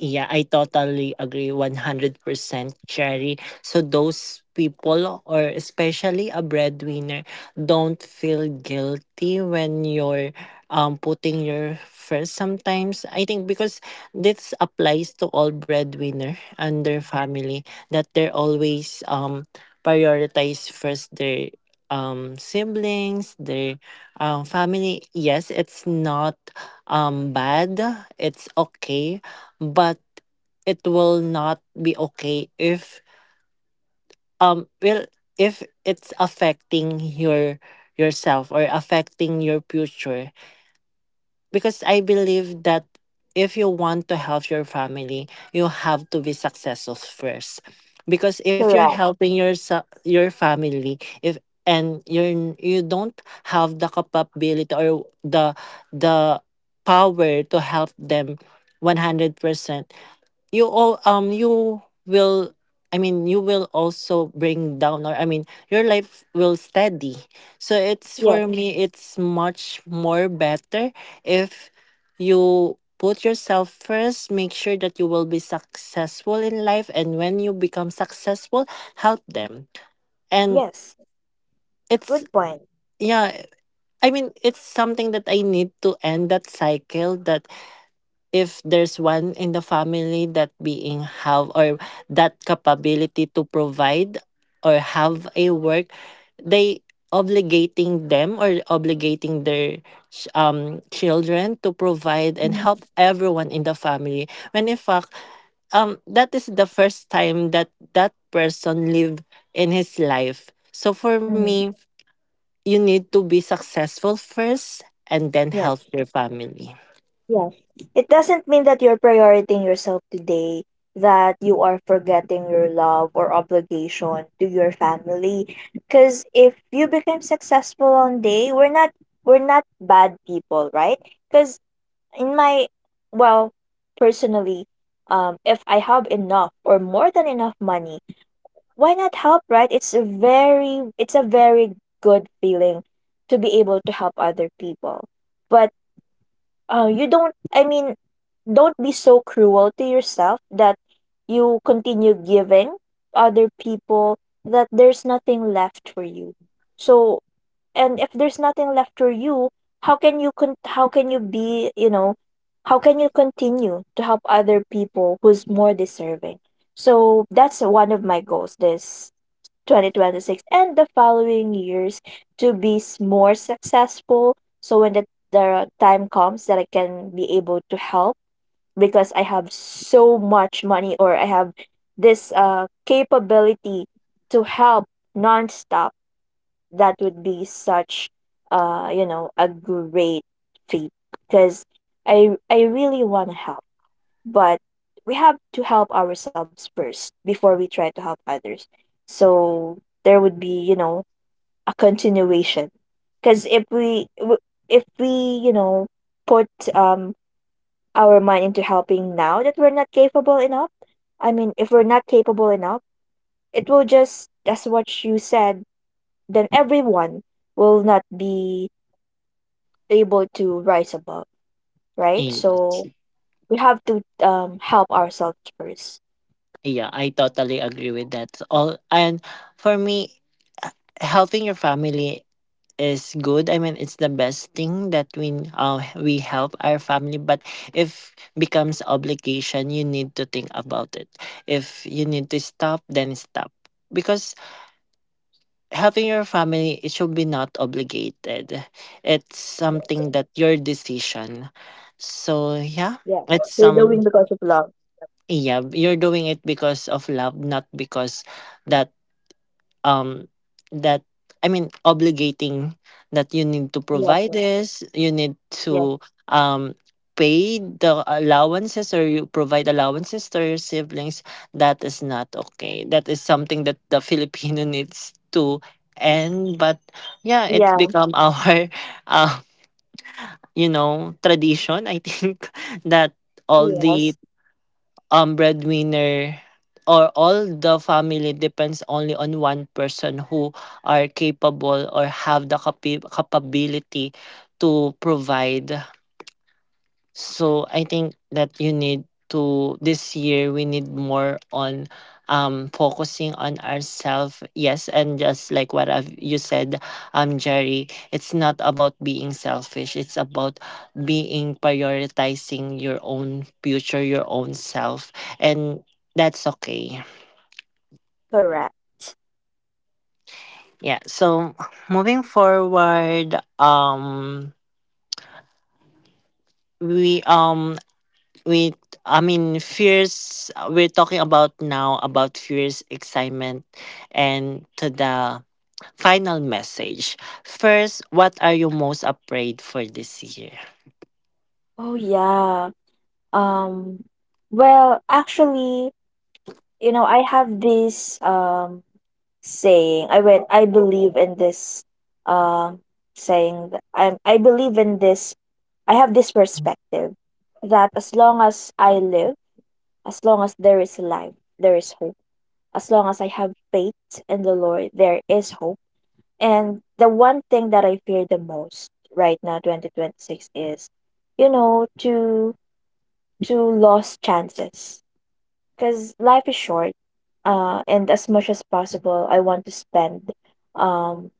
Speaker 1: Yeah, I totally agree 100%, Cherry. So those people, or especially a breadwinner, don't feel guilty when you're putting your first. Sometimes I think, because this applies to all breadwinner and their family, that they're always prioritize first their siblings, their family. Yes, it's not
Speaker 2: Yes,
Speaker 1: bad. It's okay, but it will not be okay if well, if it's affecting your yourself, or affecting your future. Because I believe that if you want to help your family, you have to be successful first. Because if you're
Speaker 2: correct.
Speaker 1: helping your your family, if and you don't have the capability or the the power to help them 100%, you all you will, I mean, you will also bring down, or I mean, your life will steady. So it's
Speaker 2: Yes,
Speaker 1: for me, it's much more better if you put yourself first, make sure that you will be successful in life, and when you become successful, help them. And
Speaker 2: yes.
Speaker 1: it's
Speaker 2: Good point.
Speaker 1: yeah, I mean, it's something that I need to end that cycle, that if there's one in the family that being have, or that capability to provide, or have a work, they obligating them, or obligating their children to provide and
Speaker 2: Mm-hmm.
Speaker 1: help everyone in the family, when in fact that is the first time that that person live in his life. So for
Speaker 2: Mm-hmm.
Speaker 1: me, you need to be successful first, and then help your family.
Speaker 2: Yes. It doesn't mean that you're prioritizing yourself today, that you are forgetting your love or obligation to your family. Cause if you become successful one day, we're not bad people, right? Cause in my, well, personally, if I have enough or more than enough money, why not help, right? It's a very good feeling to be able to help other people. But you don't, I mean, don't be so cruel to yourself that you continue giving other people that there's nothing left for you. So, and if there's nothing left for you, how can you how can you be, you know, how can you continue to help other people who's more deserving? So, that's one of my goals this 2026 and the following years, to be more successful. So when the time comes that I can be able to help because I have so much money or I have this capability to help nonstop, that would be such you know, a great feat because I really want to help. But we have to help ourselves first before we try to help others, so there would be, you know, a continuation. Because if we, you know, put um our mind into helping now that we're not capable enough, I mean, if we're not capable enough, it will just, that's what you said, then everyone will not be able to rise above, right? So
Speaker 1: Yes.
Speaker 2: we have to help ourselves first.
Speaker 1: Yeah, I totally agree with that. All and for me, h- helping your family is good. I mean, it's the best thing that we help our family. But if becomes obligation, you need to think about it. If you need to stop, then stop. Because helping your family, it should be not obligated. It's something that your decision. So yeah,
Speaker 2: Yeah.
Speaker 1: it's
Speaker 2: You're
Speaker 1: some
Speaker 2: doing because of love.
Speaker 1: yeah, you're doing it because of love, not because that um that I mean obligating, that you need to
Speaker 2: Yes.
Speaker 1: provide
Speaker 2: Yes.
Speaker 1: this, you need to
Speaker 2: Yes.
Speaker 1: um pay the allowances, or you provide allowances to your siblings. That is not okay. That is something that the Filipino needs to end. But yeah, it's
Speaker 2: Yeah.
Speaker 1: become our uh, you know, tradition I think that all the
Speaker 2: Yes,
Speaker 1: breadwinner, or all the family, depends only on one person who are capable, or have the capability to provide. So I think that you need to, this year we need more on focusing on ourselves. Yes, and just like what you said, Jerry, it's not about being selfish. It's about being prioritizing your own future, your own self, and that's okay.
Speaker 2: correct.
Speaker 1: Yeah. So, moving forward, we with, I mean, fears, we're talking about now about fears, excitement, and to the final message. First, what are you most afraid for this year?
Speaker 2: Oh yeah. Um well, actually, you know, I have this saying. I believe in this um saying that I believe in this, I have this perspective that as long as I live, as long as there is life, there is hope. As long as I have faith in the Lord, there is hope. And the one thing that I fear the most right now, 2026, is, you know, to lost chances. Because life is short. And as much as possible, I want to spend um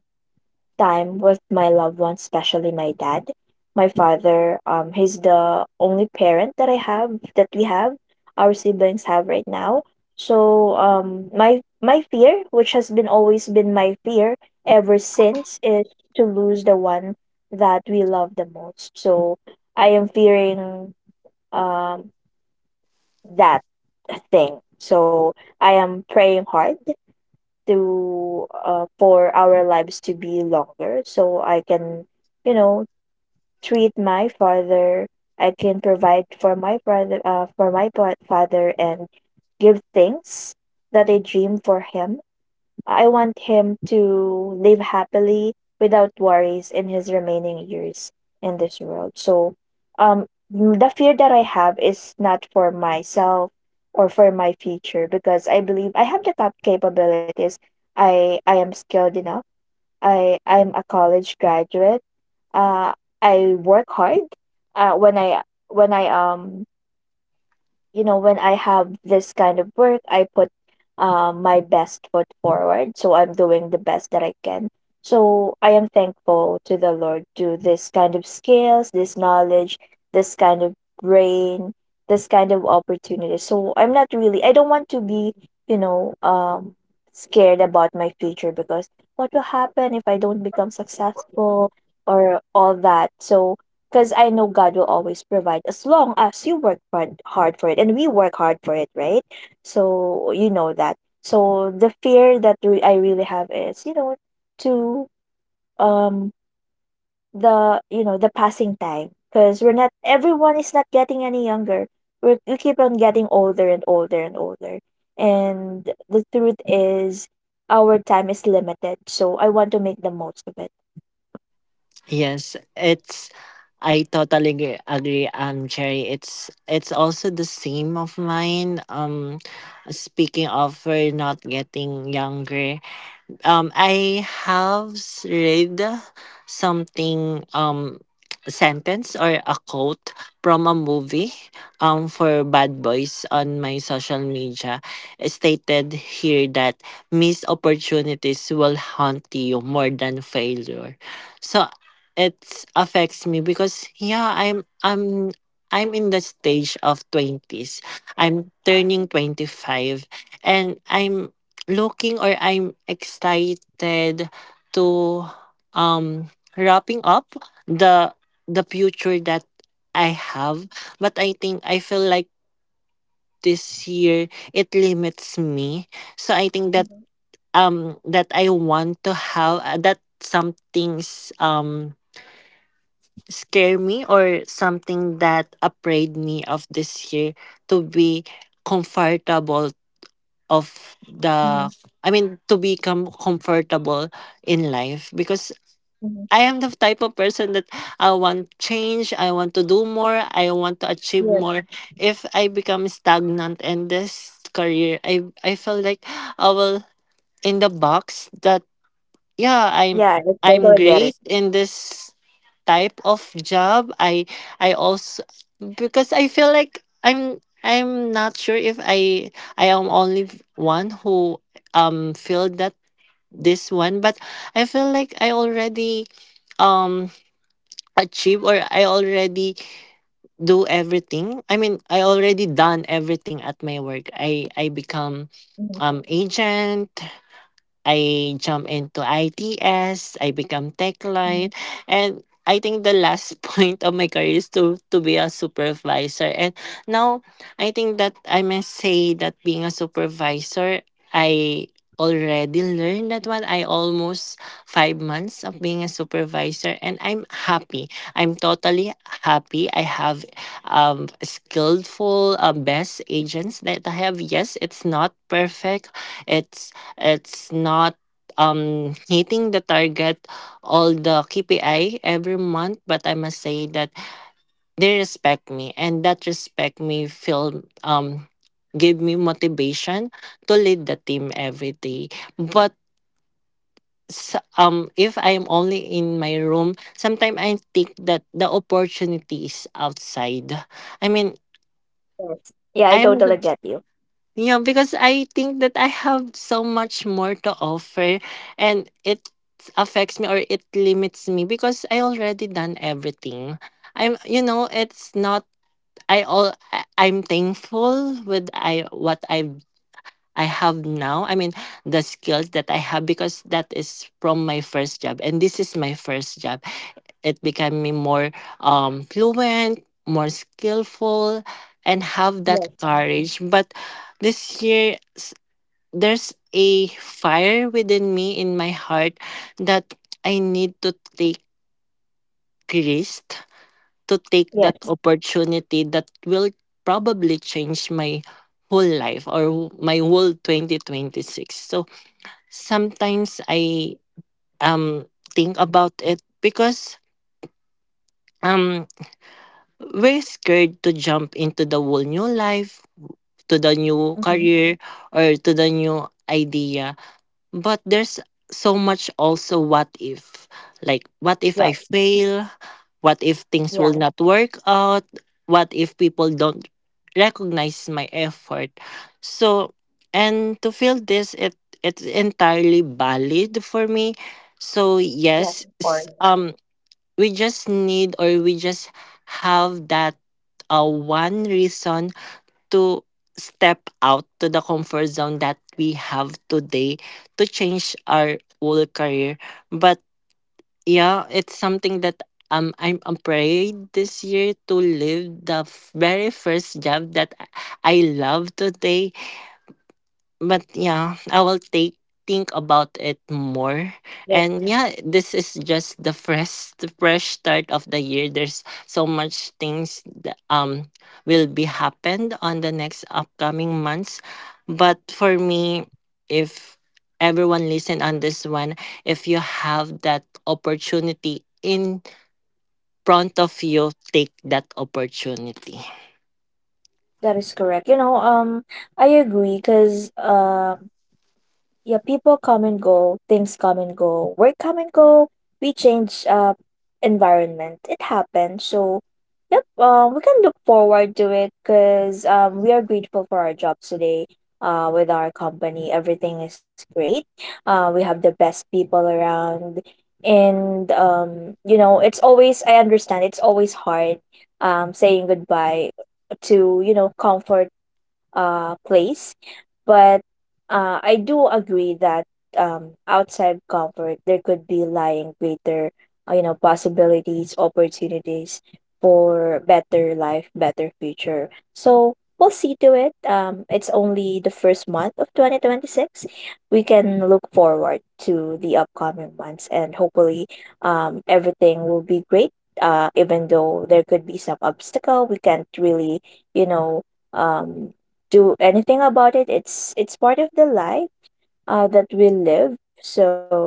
Speaker 2: time with my loved ones, especially my dad, my father. He's the only parent that I have, that we have, our siblings have right now. So my fear, which has been always been my fear ever since, is to lose the one that we love the most. So I am fearing um that thing. So I am praying hard to, for our lives to be longer so I can, you know, treat my father. I can provide for my brother, father, and give things that I dream for him. I want him to live happily without worries in his remaining years in this world. So, um, the fear that I have is not for myself or for my future because I believe I have the capabilities. I am skilled enough. I'm a college graduate. Uh, I work hard. Uh, when I when I, you know, when I have this kind of work, I put my best foot forward, so I'm doing the best that I can. So I am thankful to the Lord to this kind of skills, this knowledge, this kind of brain, this kind of opportunity. So I'm not really, I don't want to be, you know, scared about my future because what will happen if I don't become successful or all that. So because I know God will always provide as long as you work hard for it and we work hard for it, right? So you know that. So the fear that I really have is, you know, to um the, you know, the passing time because we're not everyone is not getting any younger. We keep on getting older and older and older. And the truth is, our time is limited. So I want to make the most of it.
Speaker 1: Yes, it's agree, Cherry. It's also the same of mine. Speaking of we're not getting younger, I have read something sentence or a quote from a movie for Bad Boys on my social media. It stated here that missed opportunities will haunt you more than failure. So it affects me because yeah, I'm I'm in the stage of 20s. I'm turning 25, and I'm looking, or I'm excited to um wrapping up the the future that I have. But I think I feel like this year it limits me. So I think that
Speaker 2: Mhm,
Speaker 1: that I want to have, that some things scare me, or something that afraid me of this year, to be comfortable of the,
Speaker 2: mhm,
Speaker 1: I mean, to become comfortable in life. Because
Speaker 2: mhm.
Speaker 1: I am the type of person that I want change, I want to do more, I want to achieve
Speaker 2: Yes.
Speaker 1: more. If I become stagnant in this career, I feel like I will in the box that yeah,
Speaker 2: Yeah, I
Speaker 1: I'm
Speaker 2: totally get it.
Speaker 1: great in this type of job. I also, because I feel like I'm not sure if I am only one who feel that this one. But I feel like I already um achieve, or I already do everything. I mean, I already done everything at my work. I become
Speaker 2: Mhm,
Speaker 1: agent. I jump into ITS, I become tech line,
Speaker 2: mhm.
Speaker 1: and I think the last point of my career is to be a supervisor. And now I think that I must say that being a supervisor, I already learned that one. I almost 5 months of being a supervisor, and I'm happy. I'm totally happy. I have skillful best agents that I have. Yes, it's not perfect. It's It's not hitting the target all the KPI every month, but I must say that they respect me and that respect me feel give me motivation to lead the team every day. But if I am only in my room, sometimes I think that the opportunity is outside. I mean,
Speaker 2: Yes. Yeah, I
Speaker 1: I'm the
Speaker 2: totally get you.
Speaker 1: Yeah, because I think that I have so much more to offer, and it affects me or it limits me because I already done everything. I'm you know, it's not I all I- I'm thankful with I what I have now. I mean, the skills that I have, because that is from my first job and this is my first job. It became me more fluent, more skillful, and have that
Speaker 2: Yes.
Speaker 1: courage. But this year there's a fire within me in my heart that I need to take risk, to take that
Speaker 2: Yes.
Speaker 1: opportunity that will probably change my whole life or my whole 2026. So sometimes I um think about it, because um we're scared to jump into the whole new life, to the new
Speaker 2: Mm-hmm.
Speaker 1: career or to the new idea. But there's so much also, what if, like, what if I
Speaker 2: Yeah.
Speaker 1: fail, what if things will
Speaker 2: Yeah.
Speaker 1: not work out, what if people don't recognize my effort? So, and to feel this, it's entirely valid for me. So
Speaker 2: Yes.
Speaker 1: yes,
Speaker 2: Or
Speaker 1: we just need, or we just have that one reason to step out to the comfort zone that we have today, to change our whole career. But yeah, it's something that I'm afraid this year to leave the very first job that I love today. But yeah, I will take think about it more. And
Speaker 2: yes.
Speaker 1: yeah, this is just the fresh start of the year. There's so much things that, will be happened on the next upcoming months. But for me, if everyone listen on this one, if you have that opportunity in front of you, take that opportunity.
Speaker 2: That is correct. You know, I agree because yeah, people come and go, things come and go, work come and go. We change environment. It happens. So, yep, we can look forward to it because we are grateful for our jobs today. With our company, everything is great. We have the best people around, and you know, it's always, I understand, it's always hard, saying goodbye to, you know, comfort place, but I do agree that outside comfort, there could be lying greater, you know, possibilities, opportunities for better life, better future. So we'll see to it. It's only the first month of 2026. We can look forward to the upcoming months, and hopefully everything will be great. Even though there could be some obstacle, we can't really, you know, um, do anything about it. It's part of the life that we live. So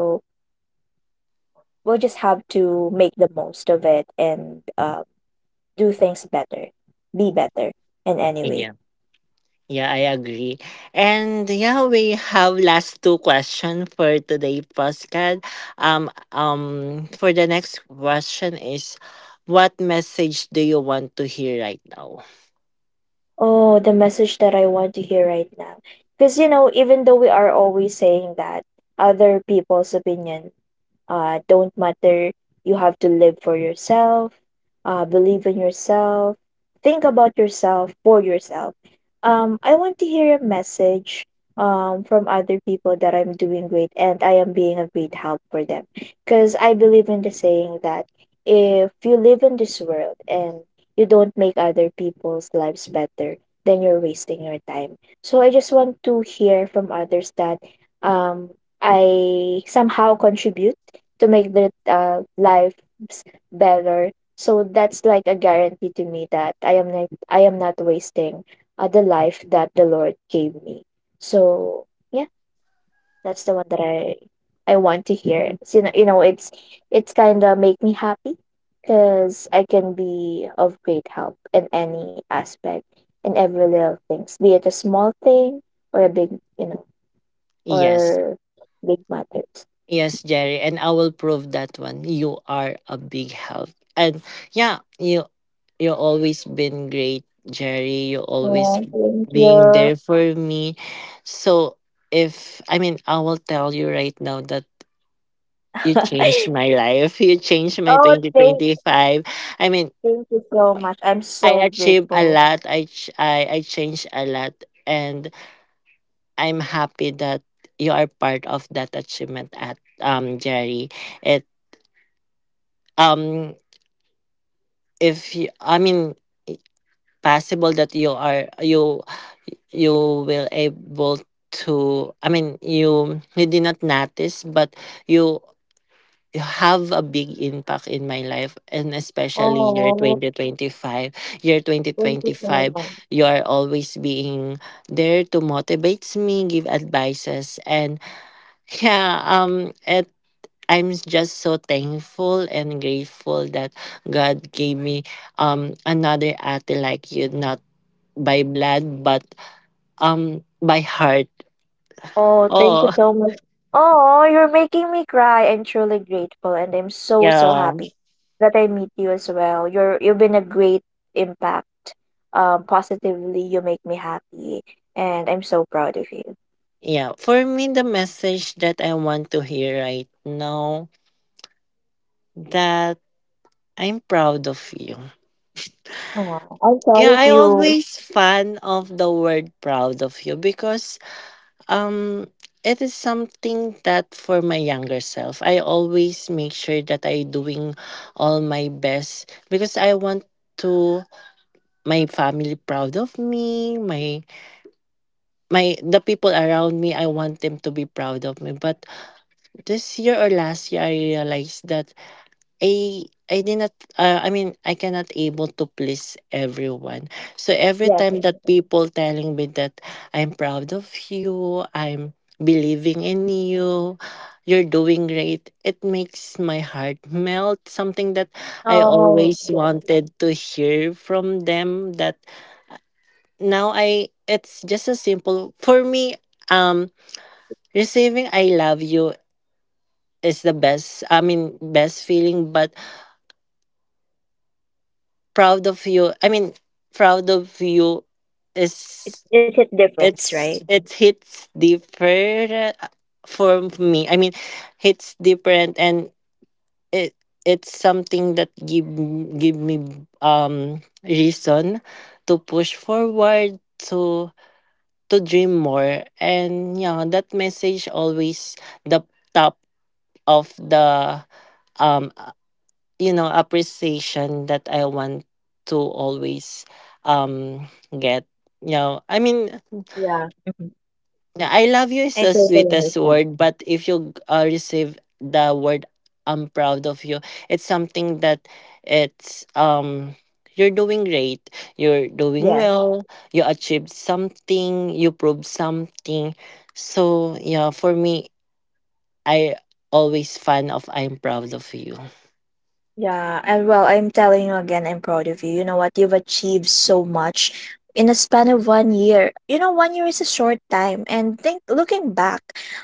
Speaker 2: we'll just have to make the most of it and, do things better, be better in any way.
Speaker 1: Yeah. Yeah, I agree. And yeah, we have last two question for today, Pascal. Um, for the next question is, what message do you want to hear right now?
Speaker 2: Oh, the message that I want to hear right now. Because, you know, even though we are always saying that other people's opinion, don't matter. You have to live for yourself, believe in yourself, think about yourself for yourself. I want to hear a message, from other people that I'm doing great and I am being a great help for them. Because I believe in the saying that if you live in this world and you don't make other people's lives better, then you're wasting your time. So I just want to hear from others that, um, I somehow contribute to make their lives better. So that's like a guarantee to me that I am not wasting the life that the Lord gave me. So yeah, that's the one that I want to hear. It's, you know, it's kind of make me happy because I can be of great help in any aspect, in every little things, be it a small thing or a big, you know,
Speaker 1: Yes,
Speaker 2: or big matters.
Speaker 1: yes, Jerry, and I will prove that one. You are a big help, and yeah, you always been great, Jerry. You always
Speaker 2: Oh, thank
Speaker 1: being
Speaker 2: you.
Speaker 1: there for me. So if I mean, I will tell you right now that you changed my life. You changed my
Speaker 2: Oh,
Speaker 1: twenty
Speaker 2: thank,
Speaker 1: twenty five. I mean,
Speaker 2: thank you so much. I'm
Speaker 1: I
Speaker 2: so
Speaker 1: achieved a
Speaker 2: grateful.
Speaker 1: lot. I changed a lot. And I'm happy that you are part of that achievement at Jerry. It um if you, I mean, i- possible that you are you you will able to, I mean, you did not notice, but you have a big impact in my life, and especially year
Speaker 2: Oh,
Speaker 1: 2025. Year
Speaker 2: thank you so
Speaker 1: 2025
Speaker 2: much.
Speaker 1: you are always being there to motivate me, give advices, and yeah, it I'm just so thankful and grateful that God gave me another ate like you, not by blood but by heart.
Speaker 2: Oh, thank you
Speaker 1: Oh.
Speaker 2: so much. Oh, you're making me cry. I'm truly grateful and I'm so, so
Speaker 1: Yeah.
Speaker 2: happy that I meet you as well. You've been a great impact. Positively, you make me happy and I'm so proud of you.
Speaker 1: Yeah, for me the message that I want to hear right now, that I'm proud of you.
Speaker 2: Oh, I'm proud
Speaker 1: Yeah,
Speaker 2: of
Speaker 1: I
Speaker 2: you.
Speaker 1: always fan of the word proud of you, because um it is something that for my younger self, I always make sure that I doing all my best because I want to my family proud of me, my the people around me, I want them to be proud of me. But this year or last year I realized that I did not, I mean, I cannot able to please everyone. So every
Speaker 2: Yes.
Speaker 1: time that people telling me that I'm proud of you, I'm believing in you, you're doing great, it makes my heart melt. Something that I
Speaker 2: Oh,
Speaker 1: always
Speaker 2: yes.
Speaker 1: wanted to hear from them, that now I it's just a simple for me, um receiving I love you is the best, I mean best feeling, but proud of you, I mean proud of you
Speaker 2: It,
Speaker 1: is,
Speaker 2: it hit difference, right?
Speaker 1: it hits deeper, for me, I mean hits different, and it it's something that give me reason to push forward, to dream more. And yeah, that message always the top of the, um you know, appreciation that I want to always um get. You know, I mean,
Speaker 2: Yeah. Mhm.
Speaker 1: yeah, I love you is
Speaker 2: I
Speaker 1: the
Speaker 2: totally
Speaker 1: sweetest
Speaker 2: understand.
Speaker 1: word, but if you receive the word I'm proud of you, it's something that it's you're doing great, you're doing
Speaker 2: Yeah.
Speaker 1: well, you achieved something, you proved something. So yeah, for me, I always fan of I'm proud of you.
Speaker 2: Yeah, and well, I'm telling you again, I'm proud of you. You know what? You've achieved so much in a span of one year. You know, one year is a short time, and think looking back,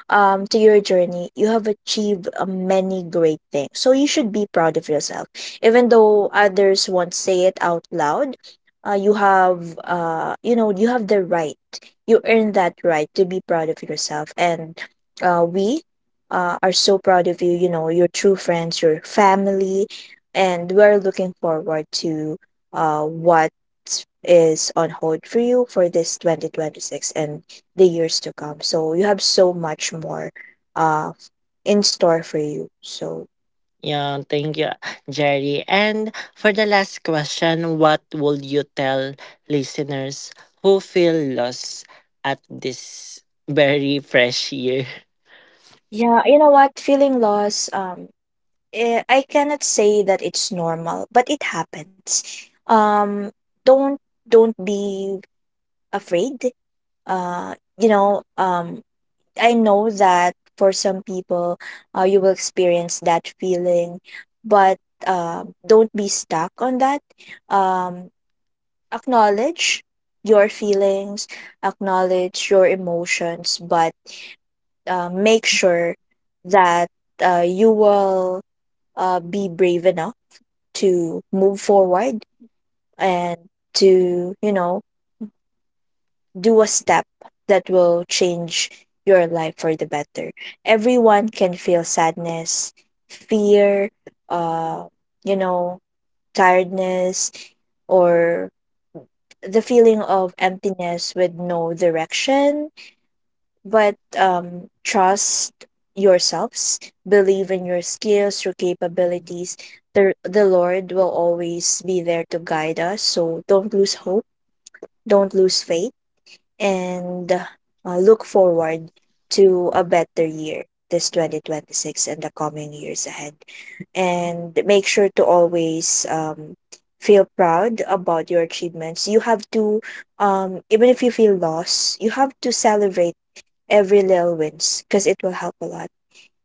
Speaker 2: to your journey, you have achieved many great things. So you should be proud of yourself, even though others won't say it out loud. You have, you know, you have the right. You earn that right to be proud of yourself, and we. Are so proud of you. You know, your true friends, your family, and we're looking forward to what is on hold for you for this 2026 and the years to come. So you have so much more uh, in store for you. So
Speaker 1: Yeah, thank you, Jerry. And for the last question, what would you tell listeners who feel lost at this very fresh year?
Speaker 2: yeah, you know what? Feeling lost, I cannot say that it's normal, but it happens. Um, don't don't be afraid. You know, I know that for some people, you will experience that feeling, but don't be stuck on that. Um, Acknowledge your feelings, acknowledge your emotions, but make sure that you will be brave enough to move forward and to, you know, do a step that will change your life for the better. Everyone can feel sadness, fear, uh, you know, tiredness, or the feeling of emptiness with no direction. But trust yourselves, believe in your skills, your capabilities. The Lord will always be there to guide us. So don't lose hope, don't lose faith, and look forward to a better year this 2026 and the coming years ahead, and make sure to always, feel proud about your achievements. You have to, even if you feel lost, you have to celebrate every little wins because it will help a lot,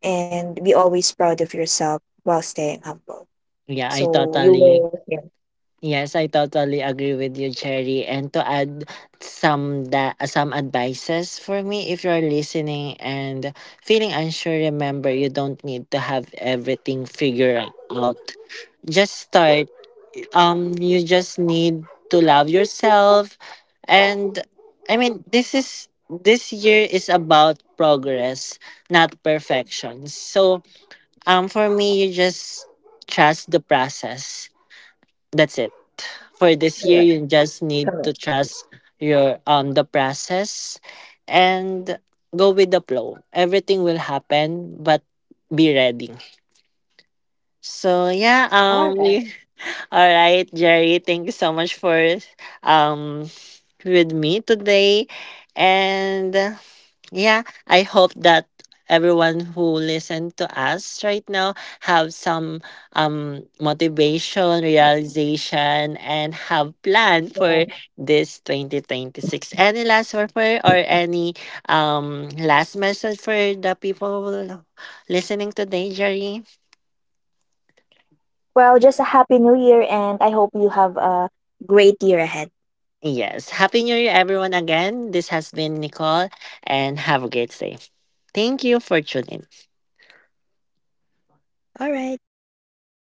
Speaker 2: and be always proud of yourself while staying humble,
Speaker 1: Yeah, I
Speaker 2: so you
Speaker 1: totally.
Speaker 2: will, yeah,
Speaker 1: Yes, I totally agree with you, Cherry. And to add some advices for me, if you're listening and feeling unsure, remember you don't need to have everything figured out. Just start. You just need to love yourself. And I mean, this year is about progress, not perfection. So, for me, you just trust the process. That's it. For this
Speaker 2: correct,
Speaker 1: year, you just need
Speaker 2: correct.
Speaker 1: to trust your the process, and go with the flow. Everything will happen, but be ready. So yeah,
Speaker 2: All right.
Speaker 1: we all right, Jerry, thank you so much for um with me today. And yeah, I hope that everyone who listened to us right now have some motivation, realization, and have plan for this 2026. Any last word for, or any last message for the people listening today, Jerry?
Speaker 2: Well, just a happy new year and I hope you have a great year ahead.
Speaker 1: Yes. Happy New Year, everyone, again. This has been Nicole, and have a great day. Thank you for tuning.
Speaker 2: All right. Thank